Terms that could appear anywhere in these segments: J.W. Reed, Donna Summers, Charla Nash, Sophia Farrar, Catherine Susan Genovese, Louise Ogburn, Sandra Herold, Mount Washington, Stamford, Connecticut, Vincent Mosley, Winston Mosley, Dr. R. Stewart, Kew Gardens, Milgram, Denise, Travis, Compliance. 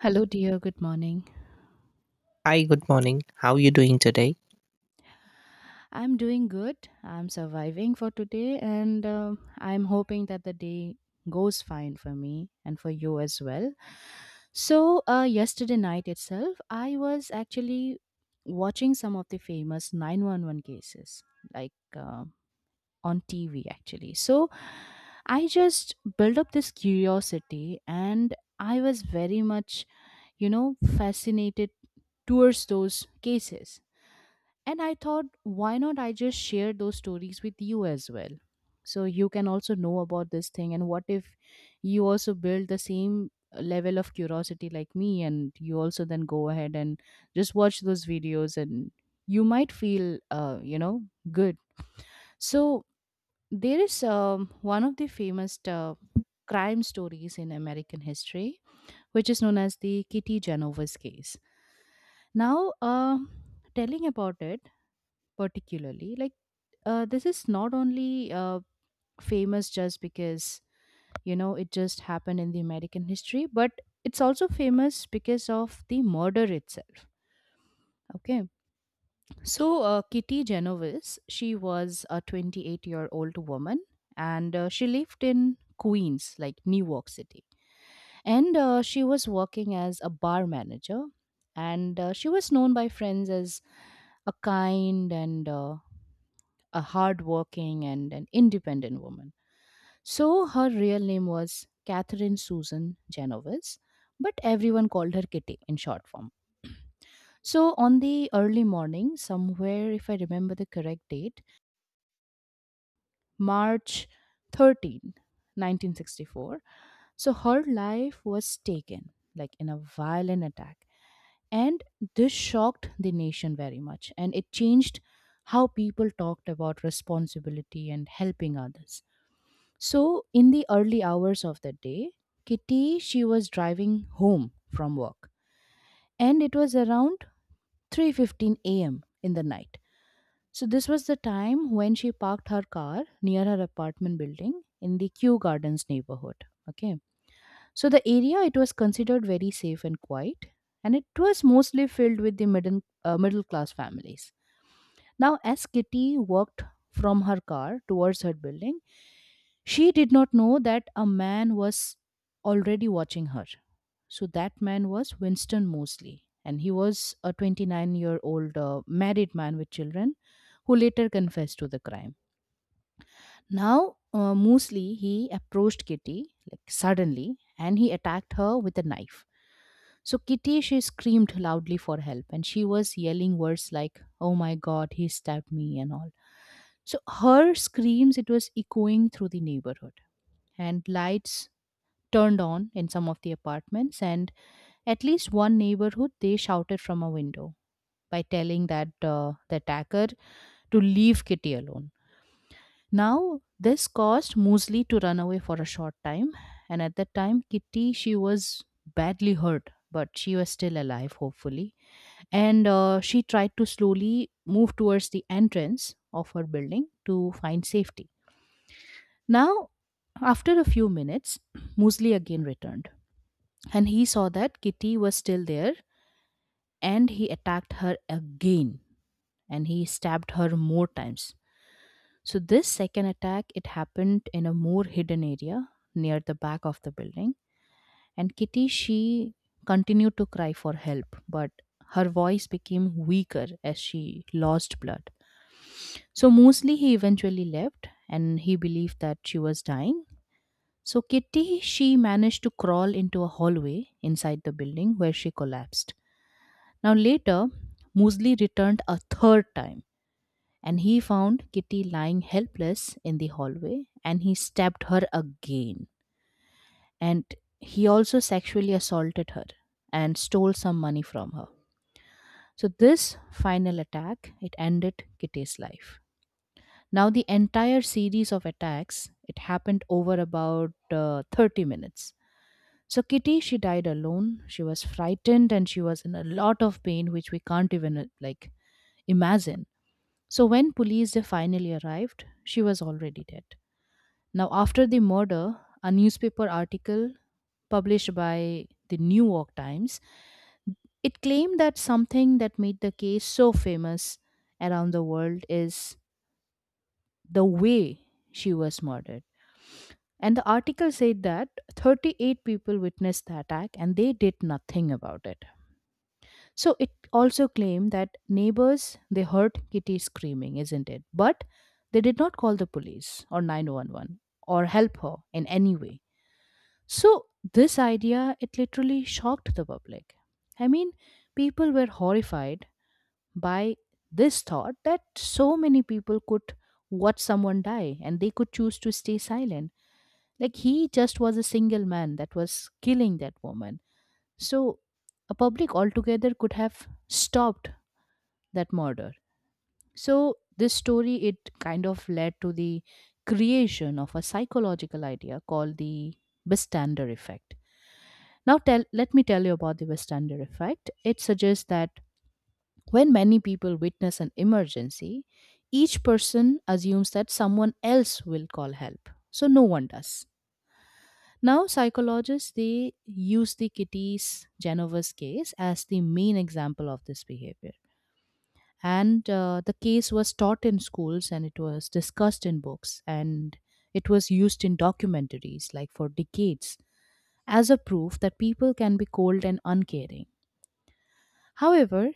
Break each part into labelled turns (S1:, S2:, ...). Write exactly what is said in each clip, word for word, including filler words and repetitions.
S1: Hello, dear. Good morning.
S2: Hi, good morning. How are you doing today?
S1: I'm doing good. I'm surviving for today, and um I'm hoping that the day goes fine for me and for you as well. So, uh, yesterday night itself, I was actually watching some of the famous nine one one cases, like uh, on T V, actually. So, I just built up this curiosity, and I was very much, you know, fascinated towards those cases. And I thought, why not I just share those stories with you as well? So you can also know about this thing. And what if you also build the same uh, level of curiosity like me, and you also then go ahead and just watch those videos and you might feel, uh, you know, good. So there is um, one of the famous uh, crime stories in American history, which is known as the Kitty Genovese case. Now, um telling about it, particularly, like uh, this is not only uh, famous just because you know it just happened in the American history, but it's also famous because of the murder itself. Okay. So uh, Kitty Genovese, she was a twenty-eight year old woman, and uh, she lived in Queens, like New York City. And uh, she was working as a bar manager, and uh, she was known by friends as a kind and uh, a hardworking and an independent woman. So her real name was Catherine Susan Genovese, but everyone called her Kitty in short form. So on the early morning, somewhere, if I remember the correct date, March thirteenth, nineteen sixty-four, so her life was taken, like in a violent attack. And this shocked the nation very much, and it changed how people talked about responsibility and helping others. So, in the early hours of the day, Kitty, she was driving home from work, and it was around three fifteen a m in the night. So this was the time when she parked her car near her apartment building in the Kew Gardens neighborhood. Okay. So the area, it was considered very safe and quiet, and it was mostly filled with the middle uh, middle class families. Now, as Kitty walked from her car towards her building, she did not know that a man was already watching her. So, that man was Winston Mosley, and he was a twenty-nine year old uh, married man with children who later confessed to the crime. Now, uh, Mosley, he approached Kitty like suddenly, and he attacked her with a knife. So Kitty, she screamed loudly for help, and she was yelling words like, oh my god, he stabbed me and all. So her screams, it was echoing through the neighborhood, and lights turned on in some of the apartments, and at least one neighborhood, they shouted from a window by telling that uh, the attacker to leave Kitty alone. Now this caused Mosley to run away for a short time, and at that time Kitty, she was badly hurt, but she was still alive, hopefully, and uh, she tried to slowly move towards the entrance of her building to find safety. Now, after a few minutes, Mosley again returned, and he saw that Kitty was still there, and he attacked her again, and he stabbed her more times. So this second attack, it happened in a more hidden area near the back of the building, and Kitty, she continued to cry for help, but her voice became weaker as she lost blood. So Mosley, he eventually left, and he believed that she was dying. So, Kitty, she managed to crawl into a hallway inside the building where she collapsed. Now, later, Mosley returned a third time and he found Kitty lying helpless in the hallway and he stabbed her again. And he also sexually assaulted her and stole some money from her. So, this final attack, it ended Kitty's life. Now, the entire series of attacks, it happened over about uh, thirty minutes. So, Kitty, she died alone. She was frightened and she was in a lot of pain, which we can't even uh, like imagine. So, when police they finally arrived, she was already dead. Now, after the murder, a newspaper article published by the New York Times, it claimed that something that made the case so famous around the world is the way she was murdered. And the article said that thirty-eight people witnessed the attack and they did nothing about it. So it also claimed that neighbors, they heard Kitty screaming, isn't it? But they did not call the police or nine one one or help her in any way. So this idea, it literally shocked the public. I mean, people were horrified by this thought that so many people could watch someone die and they could choose to stay silent. Like he just was a single man that was killing that woman. So a public altogether could have stopped that murder. So this story, it kind of led to the creation of a psychological idea called the bystander effect. Now tell let me tell you about the bystander effect. It suggests that when many people witness an emergency, each person assumes that someone else will call help. So no one does. Now psychologists, they use the Kitty's Genovese case as the main example of this behavior, and uh, the case was taught in schools and it was discussed in books, and it was used in documentaries like for decades as a proof that people can be cold and uncaring. However,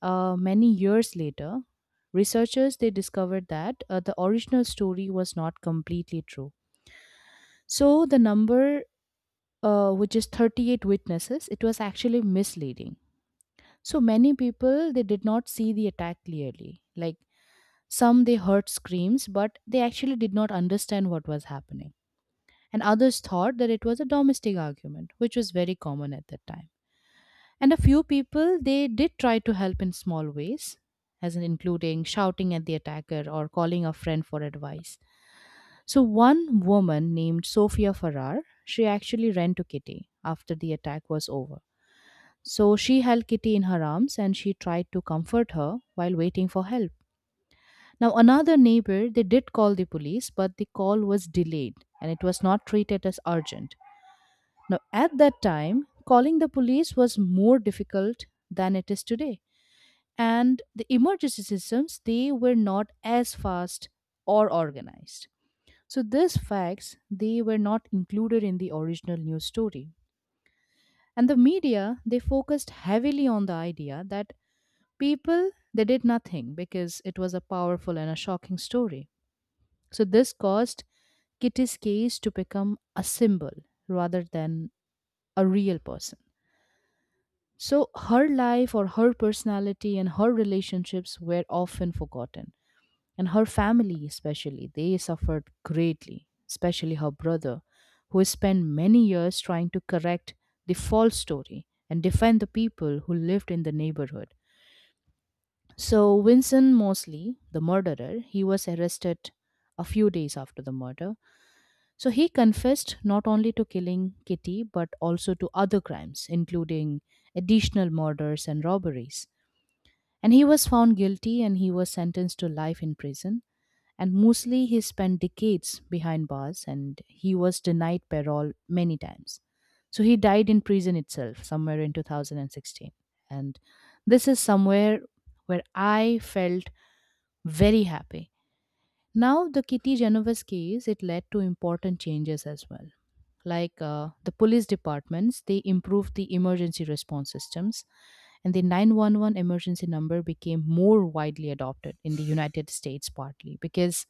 S1: uh, many years later, researchers, they discovered that uh, the original story was not completely true. So the number, uh, which is thirty-eight witnesses, it was actually misleading. So many people, they did not see the attack clearly. Like some, they heard screams, but they actually did not understand what was happening. And others thought that it was a domestic argument, which was very common at that time. And a few people, they did try to help in small ways, as in including shouting at the attacker or calling a friend for advice. So one woman named Sophia Farrar, she actually ran to Kitty after the attack was over. So she held Kitty in her arms and she tried to comfort her while waiting for help. Now, another neighbor, they did call the police, but the call was delayed and it was not treated as urgent. Now, at that time, calling the police was more difficult than it is today. And the emergency systems, they were not as fast or organized. So, these facts, they were not included in the original news story. And the media, they focused heavily on the idea that people, they did nothing, because it was a powerful and a shocking story. So this caused Kitty's case to become a symbol rather than a real person. So her life or her personality and her relationships were often forgotten. And her family, especially, they suffered greatly, especially her brother, who spent many years trying to correct the false story and defend the people who lived in the neighborhood. So, Vincent Mosley, the murderer, he was arrested a few days after the murder. So he confessed not only to killing Kitty but also to other crimes, including additional murders and robberies. And he was found guilty and he was sentenced to life in prison. And mostly he spent decades behind bars and he was denied parole many times. So he died in prison itself somewhere in two thousand sixteen. And this is somewhere where I felt very happy. Now, the Kitty Genovese case, it led to important changes as well. Like uh, the police departments, they improved the emergency response systems, and the nine one one emergency number became more widely adopted in the United States, partly because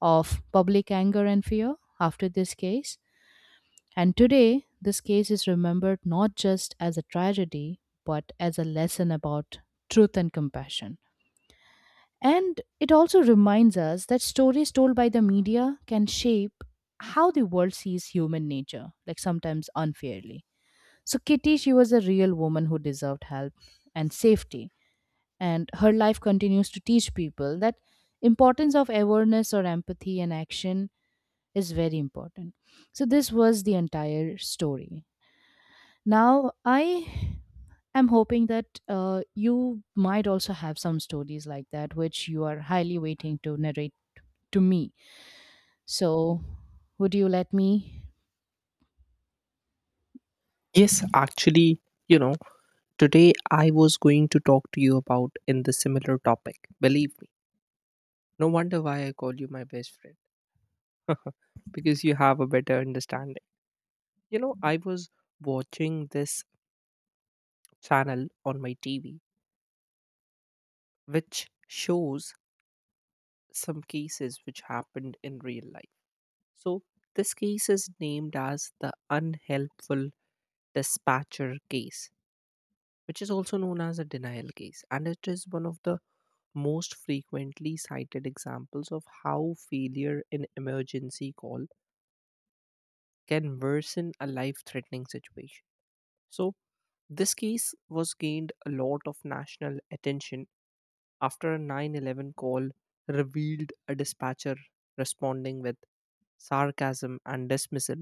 S1: of public anger and fear after this case. And today, this case is remembered not just as a tragedy, but as a lesson about truth and compassion. And it also reminds us that stories told by the media can shape how the world sees human nature, like sometimes unfairly. So, Kitty, she was a real woman who deserved help and safety. And her life continues to teach people that importance of awareness or empathy and action is very important. So, this was the entire story. Now, I am hoping that uh, you might also have some stories like that, which you are highly waiting to narrate to me. So, would you let me?
S2: Yes, actually, you know, today I was going to talk to you about in the similar topic. Believe me. No wonder why I call you my best friend. because you have a better understanding. You know, I was watching this channel on my T V which shows some cases which happened in real life. So, this case is named as the unhelpful dispatcher case which is also known as a denial case. And it is one of the most frequently cited examples of how failure in emergency call can worsen a life threatening situation. So, this case was gained a lot of national attention after a nine one one call revealed a dispatcher responding with sarcasm and dismissal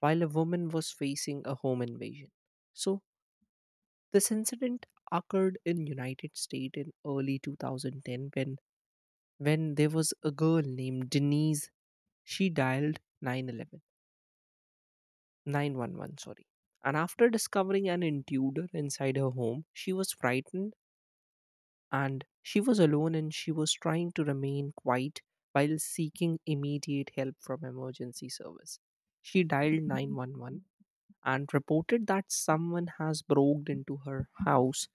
S2: while a woman was facing a home invasion. So, this incident occurred in United States in early two thousand ten when when there was a girl named Denise. She dialed nine one one, nine one one, sorry. And after discovering an intruder inside her home, she was frightened and she was alone and she was trying to remain quiet while seeking immediate help from emergency service. She dialed nine one one and reported that someone has broken into her house.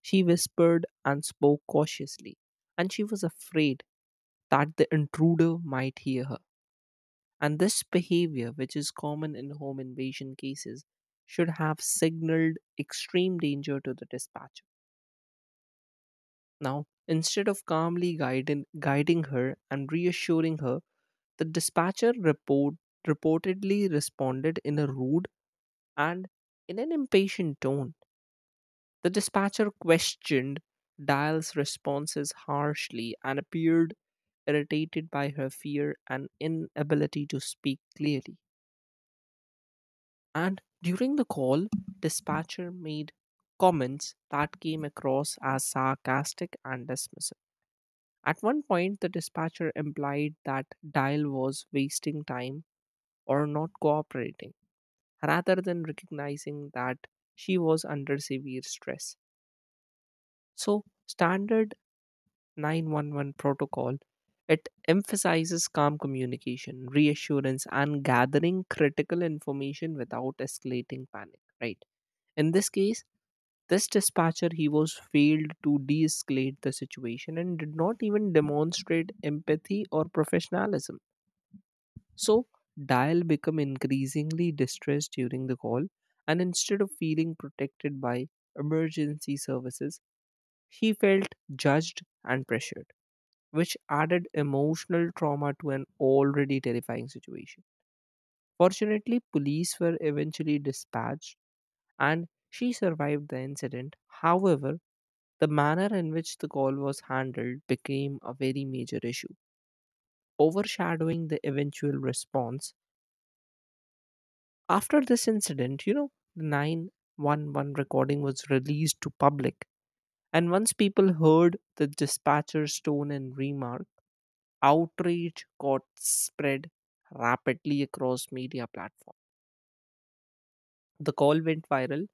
S2: She whispered and spoke cautiously, and she was afraid that the intruder might hear her. And this behavior, which is common in home invasion cases, should have signaled extreme danger to the dispatcher. Now, instead of calmly guiding, guiding her and reassuring her, the dispatcher report, reportedly responded in a rude and in an impatient tone. The dispatcher questioned Dial's responses harshly and appeared irritated by her fear and inability to speak clearly. And during the call, dispatcher made comments that came across as sarcastic and dismissive. At one point, the dispatcher implied that Dial was wasting time or not cooperating, rather than recognizing that she was under severe stress. So, standard nine one one protocol, it emphasizes calm communication, reassurance, and gathering critical information without escalating panic, right? In this case, this dispatcher he was failed to de-escalate the situation and did not even demonstrate empathy or professionalism. So Dial become increasingly distressed during the call, and instead of feeling protected by emergency services, he felt judged and pressured which added emotional trauma to an already terrifying situation. Fortunately, police were eventually dispatched and she survived the incident. However, the manner in which the call was handled became a very major issue, overshadowing the eventual response. After this incident, you know, the nine one one recording was released to public, and once people heard the dispatcher's tone and remarks, outrage got spread rapidly across media platforms. The call went viral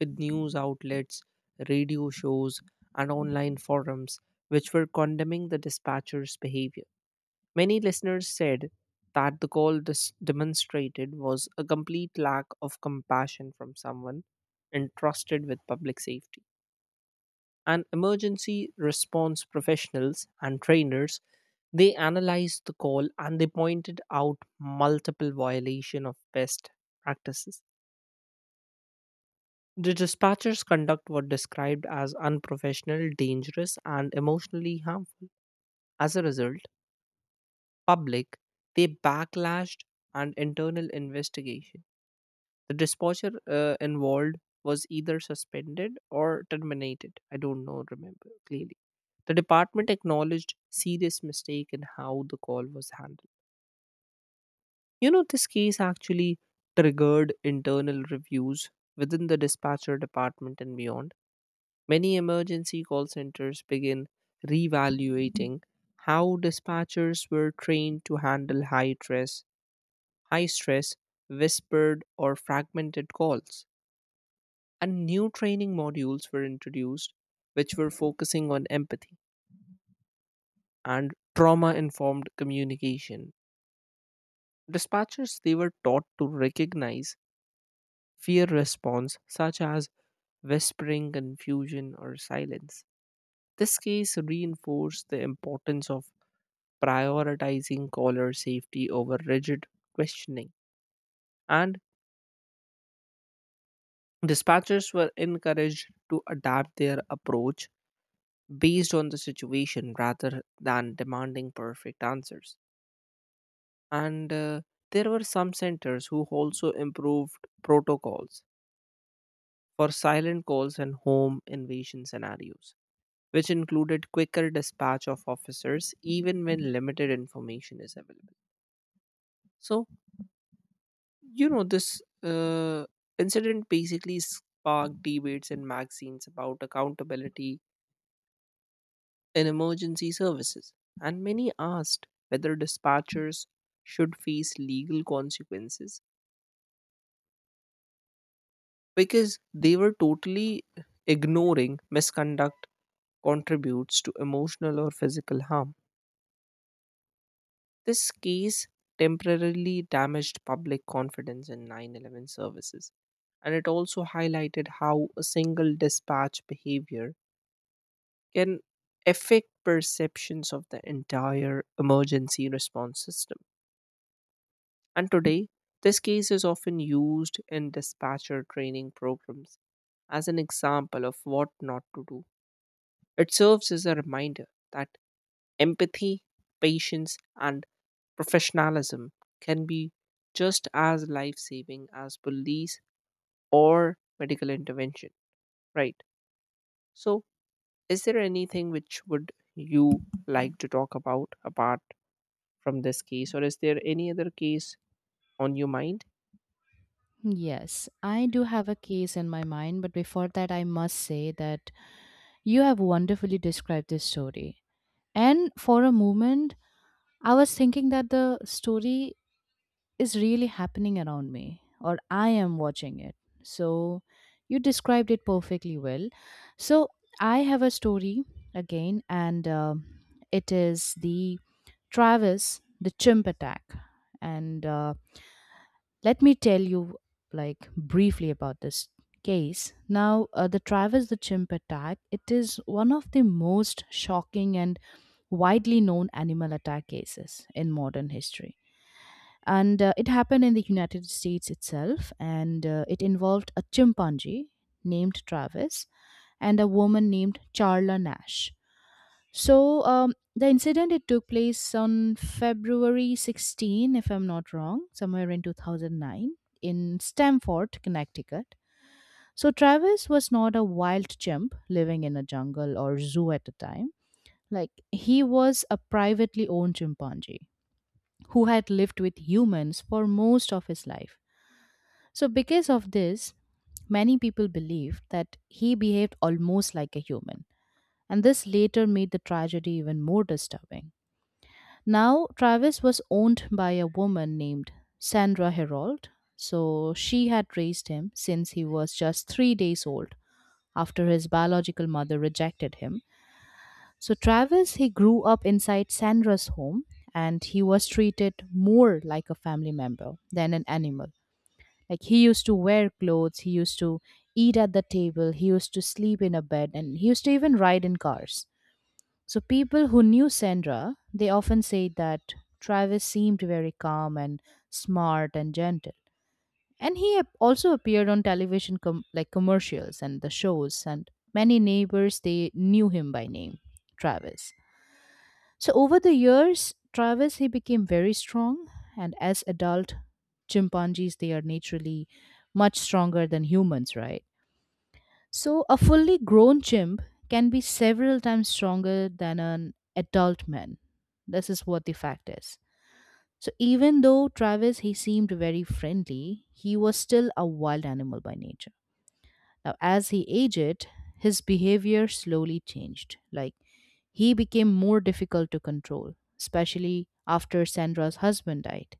S2: with news outlets, radio shows, and online forums which were condemning the dispatcher's behavior. Many listeners said that the call dis- demonstrated was a complete lack of compassion from someone entrusted with public safety. And emergency response professionals and trainers They analyzed the call and they pointed out multiple violation of best practices. The dispatcher's conduct was described as unprofessional, dangerous, and emotionally harmful. As a result, public they backlashed and internal investigation. The dispatcher uh, involved was either suspended or terminated. I don't know, remember clearly. The department acknowledged serious mistake in how the call was handled. You know, this case actually triggered internal reviews within the dispatcher department and beyond. Many emergency call centers begin reevaluating how dispatchers were trained to handle high stress, high stress, whispered or fragmented calls. And new training modules were introduced which were focusing on empathy and trauma informed communication. Dispatchers they were taught to recognize fear response such as whispering, confusion, or silence. This case reinforced the importance of prioritizing caller safety over rigid questioning, and dispatchers were encouraged to adapt their approach based on the situation rather than demanding perfect answers. And uh, there were some centers who also improved protocols for silent calls and home invasion scenarios, which included quicker dispatch of officers even when limited information is available. So, you know, this uh, incident basically sparked debates in magazines about accountability in emergency services, and many asked whether dispatchers should face legal consequences because they were totally ignoring misconduct contributes to emotional or physical harm. This case temporarily damaged public confidence in nine one one services, and it also highlighted how a single dispatch behavior can affect perceptions of the entire emergency response system. And today, this case is often used in dispatcher training programs as an example of what not to do. It serves as a reminder that empathy, patience, and professionalism can be just as life saving as police or medical intervention, right? So, is there anything which would you like to talk about apart from this case, or is there any other case on your mind?
S1: Yes, I do have a case in my mind, but before that, I must say that you have wonderfully described this story. And for a moment, I was thinking that the story is really happening around me, or I am watching it. So, you described it perfectly well. So, I have a story again, and uh, it is the Travis, the chimp attack. And uh, let me tell you, like, briefly about this case. Now, uh, the Travis the chimp attack, it is one of the most shocking and widely known animal attack cases in modern history. And uh, it happened in the United States itself, and uh, it involved a chimpanzee named Travis and a woman named Charla Nash. So um, the incident it took place on February sixteenth, if I'm not wrong, somewhere in two thousand nine in Stamford, Connecticut. So Travis was not a wild chimp living in a jungle or zoo at the time. Like he was a privately owned chimpanzee who had lived with humans for most of his life. So because of this, many people believed that he behaved almost like a human. And this later made the tragedy even more disturbing. Now, Travis was owned by a woman named Sandra Herold. So she had raised him since he was just three days old after his biological mother rejected him. So Travis, he grew up inside Sandra's home and he was treated more like a family member than an animal. Like he used to wear clothes, he used to eat at the table, he used to sleep in a bed, and he used to even ride in cars. So people who knew Sandra, they often say that Travis seemed very calm and smart and gentle. And he ap- also appeared on television com- like commercials and the shows, and many neighbors they knew him by name, Travis. So over the years, Travis he became very strong, and as adult chimpanzees they are naturally much stronger than humans, right? So, a fully grown chimp can be several times stronger than an adult man. This is what the fact is. So, even though Travis he seemed very friendly, he was still a wild animal by nature. Now, as he aged, his behavior slowly changed. Like he became more difficult to control, especially after Sandra's husband died.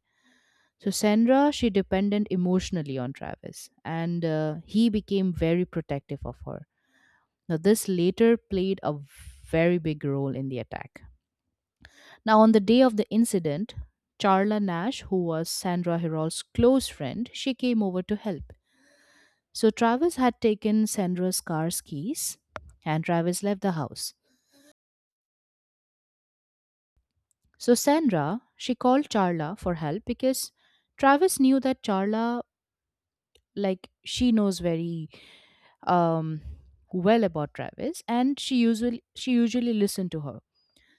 S1: So Sandra, she depended emotionally on Travis, and uh, he became very protective of her. Now, this later played a very big role in the attack. Now, on the day of the incident, Charla Nash, who was Sandra Herol's close friend, she came over to help. So Travis had taken Sandra's car's keys and Travis left the house. So Sandra, she called Charla for help because Travis knew that Charla, like she knows very um well about Travis, and she usually she usually listened to her.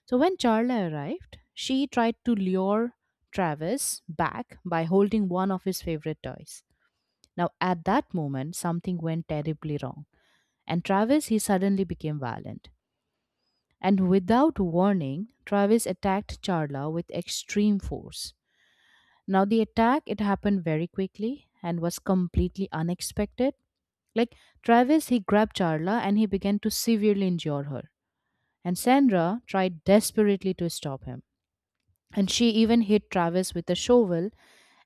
S1: So when Charla arrived, she tried to lure Travis back by holding one of his favorite toys. Now, at that moment, something went terribly wrong, and Travis he suddenly became violent. And without warning, Travis attacked Charla with extreme force. Now, the attack it happened very quickly and was completely unexpected. Like Travis, he grabbed Charla and he began to severely injure her. And Sandra tried desperately to stop him, and she even hit Travis with a shovel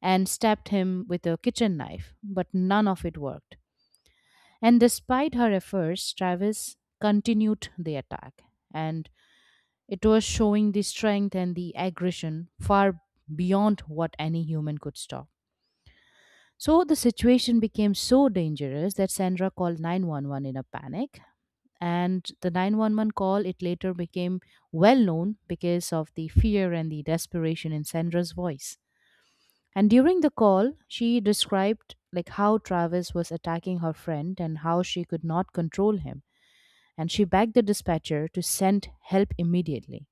S1: and stabbed him with a kitchen knife, but none of it worked. And despite her efforts, Travis continued the attack, and it was showing the strength and the aggression far beyond what any human could stop. So the situation became so dangerous that Sandra called nine one one in a panic, and the nine one one call it later became well known because of the fear and the desperation in Sandra's voice. And during the call, she described like how Travis was attacking her friend and how she could not control him. And she begged the dispatcher to send help immediately.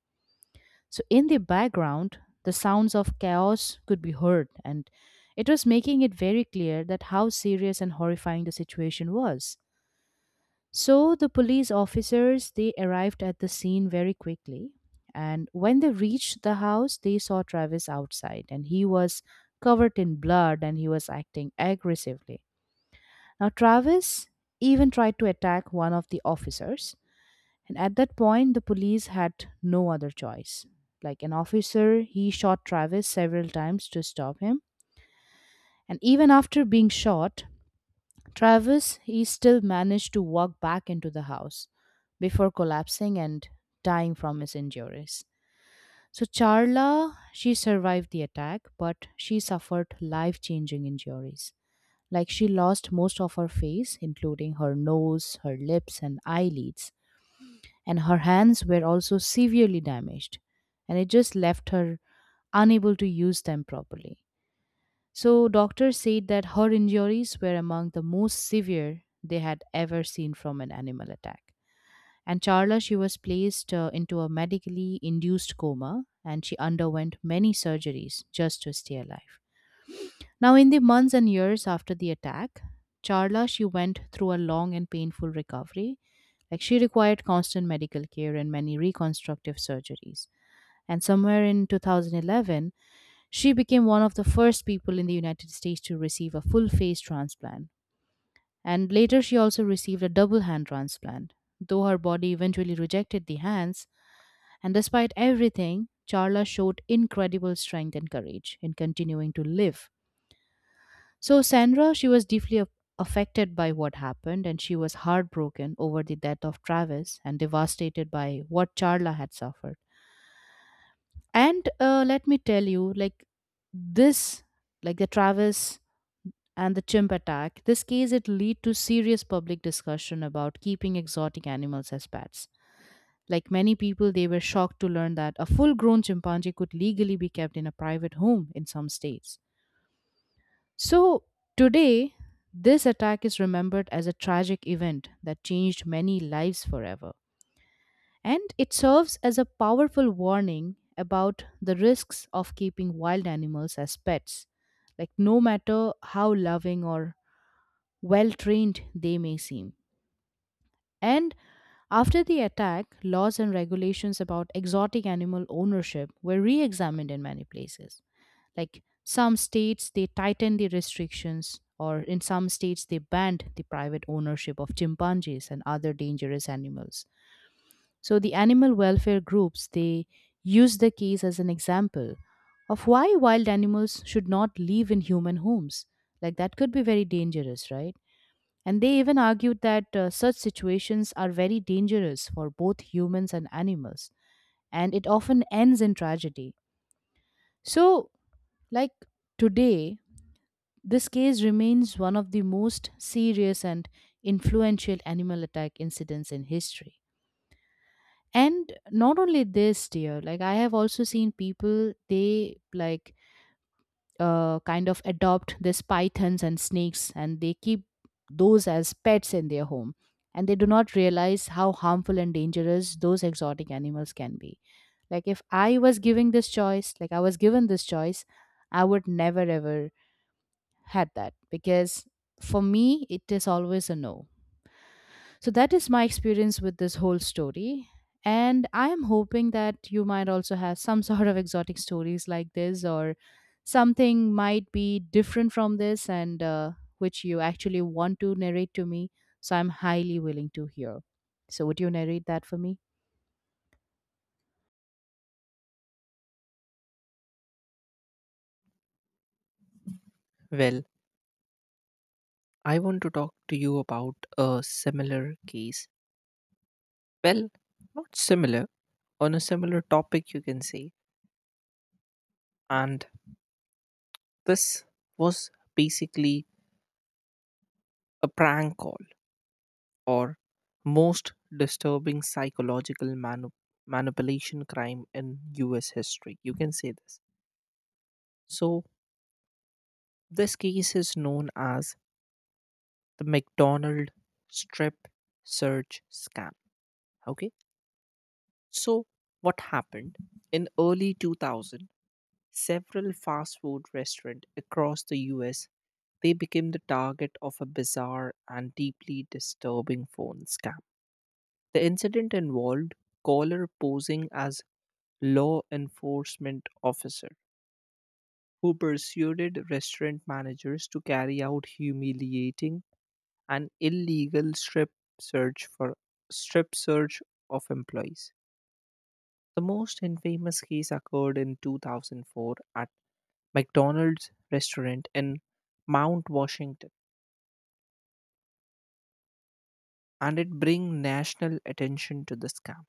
S1: So in the background, the sounds of chaos could be heard, and it was making it very clear that how serious and horrifying the situation was. So the police officers they arrived at the scene very quickly, and when they reached the house they saw Travis outside and he was covered in blood and he was acting aggressively. Now Travis even tried to attack one of the officers, and at that point the police had no other choice. Like an officer he shot Travis several times to stop him, and even after being shot Travis, he still managed to walk back into the house before collapsing and dying from his injuries. So, Charla, she survived the attack, but she suffered life changing injuries. Like, she lost most of her face, including her nose, her lips, and eyelids. And her hands were also severely damaged. And it just left her unable to use them properly. So, doctors said that her injuries were among the most severe they had ever seen from an animal attack. And Charla, she was placed uh, into a medically induced coma, and she underwent many surgeries just to stay alive. Now, in the months and years after the attack, Charla, she went through a long and painful recovery. Like she required constant medical care and many reconstructive surgeries. And somewhere in two thousand eleven, she became one of the first people in the United States to receive a full face transplant, and later she also received a double hand transplant. Though her body eventually rejected the hands, and despite everything, Charla showed incredible strength and courage in continuing to live. So, Sandra, she was deeply a- affected by what happened, and she was heartbroken over the death of Travis and devastated by what Charla had suffered. And uh, let me tell you, like this, like the travis and the chimp attack, this case it lead to serious public discussion about keeping exotic animals as pets. Like many people, they were shocked to learn that a full-grown chimpanzee could legally be kept in a private home in some states. So today, this attack is remembered as a tragic event that changed many lives forever, and it serves as a powerful warning about the risks of keeping wild animals as pets. Like, no matter how loving or well trained they may seem. And after the attack, laws and regulations about exotic animal ownership were re examined in many places. Like some states, they tightened the restrictions, or in some states, they banned the private ownership of chimpanzees and other dangerous animals. So the animal welfare groups they use the case as an example of why wild animals should not live in human homes. Like that could be very dangerous, right? And they even argued that uh, such situations are very dangerous for both humans and animals, and it often ends in tragedy. So, like today, this case remains one of the most serious and influential animal attack incidents in history. And not only this dear, like I have also seen people, they like uh, kind of adopt these pythons and snakes, and they keep those as pets in their home, and they do not realize how harmful and dangerous those exotic animals can be. Like if I was giving this choice, like I was given this choice, I would never ever had that, because for me it is always a no. So that is my experience with this whole story. And I am hoping that you might also have some sort of exotic stories like this, or something might be different from this, and uh, which you actually want to narrate to me. So I'm highly willing to hear. So, would you narrate that for me?
S2: Well, I want to talk to you about a similar case. Well, not similar, on a similar topic, you can say. And this was basically a prank call or most disturbing psychological manu- manipulation crime in U S history. You can say this. So, this case is known as the McDonald strip search scam. Okay. So, what happened in early two thousand? Several fast food restaurants across the U S they became the target of a bizarre and deeply disturbing phone scam. The incident involved caller posing as law enforcement officer who persuaded restaurant managers to carry out humiliating and illegal strip search for strip search of employees. The most infamous case occurred in two thousand four at McDonald's restaurant in Mount Washington and it bring national attention to the scam.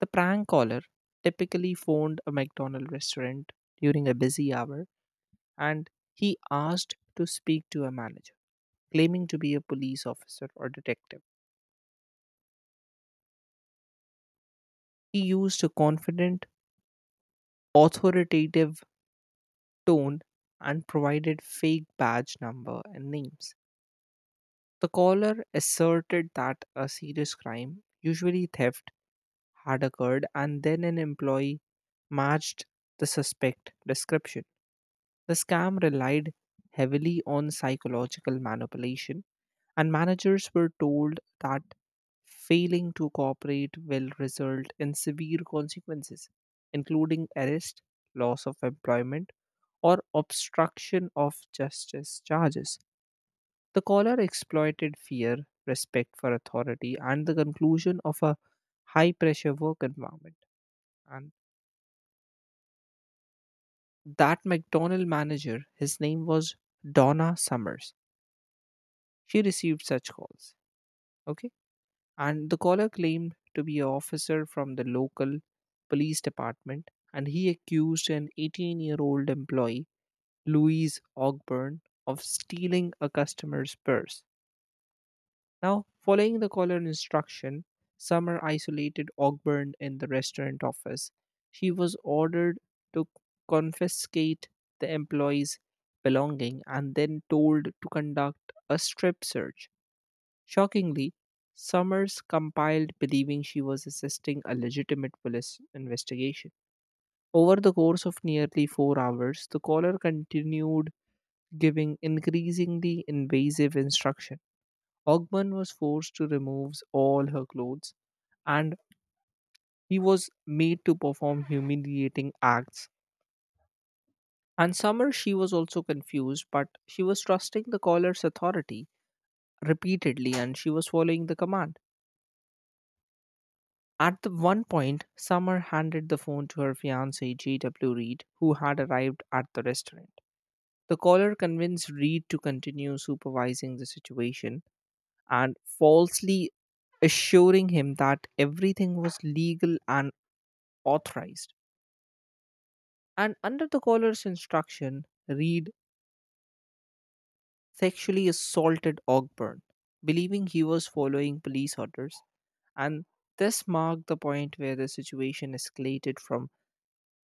S2: The prank caller typically phoned a McDonald's restaurant during a busy hour and he asked to speak to a manager, claiming to be a police officer or detective. He used a confident, authoritative tone and provided fake badge number and names. The caller asserted that a serious crime, usually theft, had occurred, and then an employee matched the suspect description. The scam relied heavily on psychological manipulation, and managers were told that failing to cooperate will result in severe consequences, including arrest, loss of employment, or obstruction of justice charges. The caller exploited fear, respect for authority, and the conclusion of a high pressure work environment. And that McDonald manager, his name was Donna Summers. She received such calls. Okay. And the caller claimed to be an officer from the local police department and he accused an eighteen year old employee, Louise Ogburn, of stealing a customer's purse. Now, following the caller instruction, Summer isolated Ogburn in the restaurant office. She was ordered to confiscate the employee's belonging and then told to conduct a strip search. Shockingly, Summers compiled believing she was assisting a legitimate police investigation. Over the course of nearly four hours, the caller continued giving increasingly invasive instruction. Ogman was forced to remove all her clothes and he was made to perform humiliating acts. And Summer, she was also confused, but she was trusting the caller's authority repeatedly and she was following the command. At the one point, Summer handed the phone to her fiance J W. Reed, who had arrived at the restaurant. The caller convinced Reed to continue supervising the situation and falsely assuring him that everything was legal and authorized. And under the caller's instruction, Reed sexually assaulted Ogburn, believing he was following police orders. And this marked the point where the situation escalated from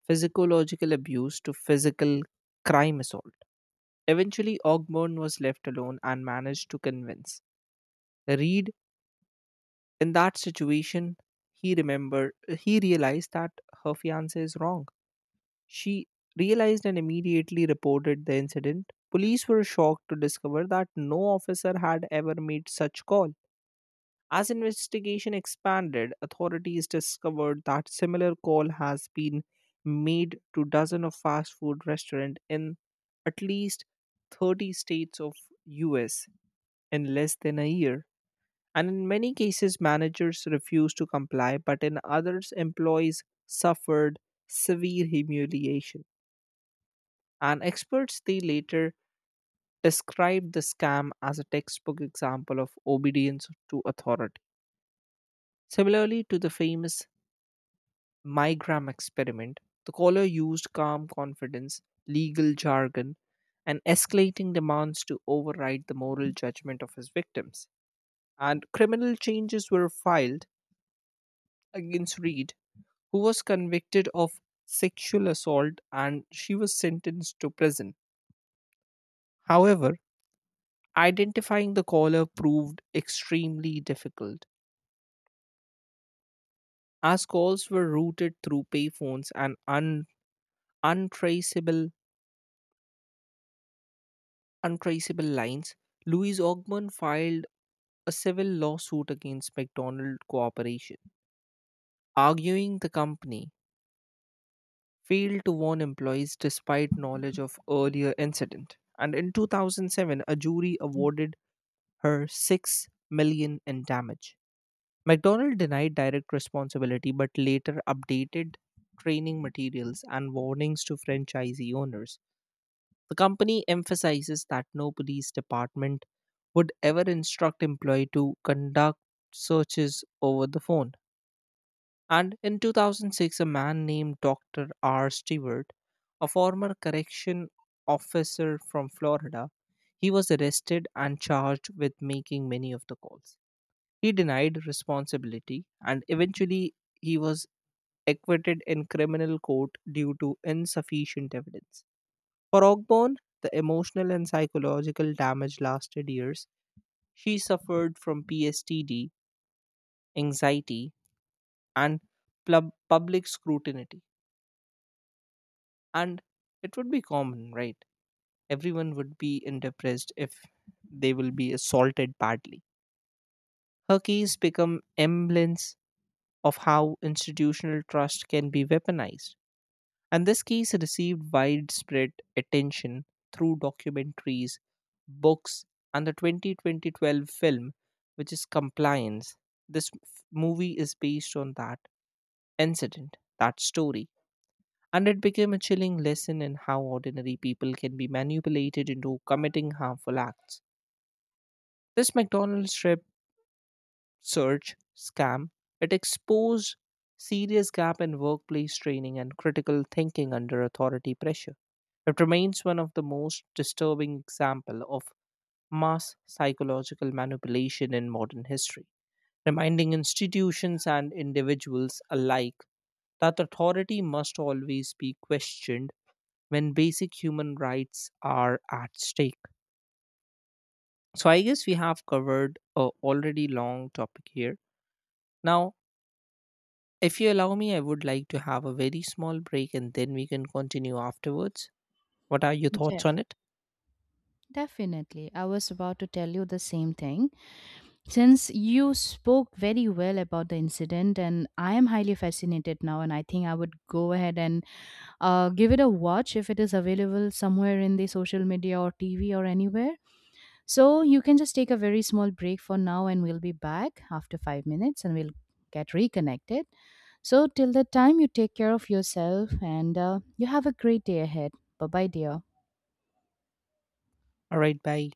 S2: physiological abuse to physical crime assault. Eventually, Ogburn was left alone and managed to convince Reed in that situation. He remembered, he realized that her fiance is wrong. She realized and immediately reported the incident. Police were shocked to discover that no officer had ever made such call. As investigation expanded, authorities discovered that similar call has been made to dozens of fast food restaurants in at least thirty states of U S in less than a year. And in many cases managers refused to comply, but in others employees suffered severe humiliation and experts they later described the scam as a textbook example of obedience to authority. Similarly to the famous Mygram experiment, the caller used calm confidence, legal jargon, and escalating demands to override the moral judgment of his victims. And criminal charges were filed against Reed, who was convicted of sexual assault and she was sentenced to prison. However, identifying the caller proved extremely difficult, as calls were routed through payphones and un- untraceable untraceable lines. Louis Ogman filed a civil lawsuit against McDonald Corporation, arguing the company failed to warn employees despite knowledge of earlier incident. And in two thousand seven, a jury awarded her six million in damage. McDonald denied direct responsibility but later updated training materials and warnings to franchisee owners. The company emphasizes that no police department would ever instruct employee to conduct searches over the phone. And in two thousand six, a man named doctor R. Stewart, a former correction officer from Florida, he was arrested and charged with making many of the calls. He denied responsibility and eventually he was acquitted in criminal court due to insufficient evidence. For Ogborn, the emotional and psychological damage lasted years. She suffered from P S T D, anxiety, and plub- public scrutiny. And it would be common, right? Everyone would be in depressed if they will be assaulted badly. Her case become emblems of how institutional trust can be weaponized. And this case received widespread attention through documentaries, books, and the twenty twelve film, which is Compliance. This f- movie is based on that incident, that story. And it became a chilling lesson in how ordinary people can be manipulated into committing harmful acts. This McDonald's trip. Search scam, it exposed serious gap in workplace training and critical thinking under authority pressure. It remains one of the most disturbing example of mass psychological manipulation in modern history, reminding institutions and individuals alike that authority must always be questioned when basic human rights are at stake. So I guess we have covered a already long topic here. Now if you allow me, I would like to have a very small break and then we can continue afterwards. What are your thoughts
S1: Jeff.
S2: on it?
S1: Definitely. I was about to tell you the same thing. Since you spoke very well about the incident, and I am highly fascinated now, and I think I would go ahead and uh, give it a watch if it is available somewhere in the social media or T V or anywhere. So you can just take a very small break for now, and we'll be back after five minutes and we'll get reconnected. So till that time, you take care of yourself, and uh, you have a great day ahead. Bye bye, dear.
S2: All right, bye.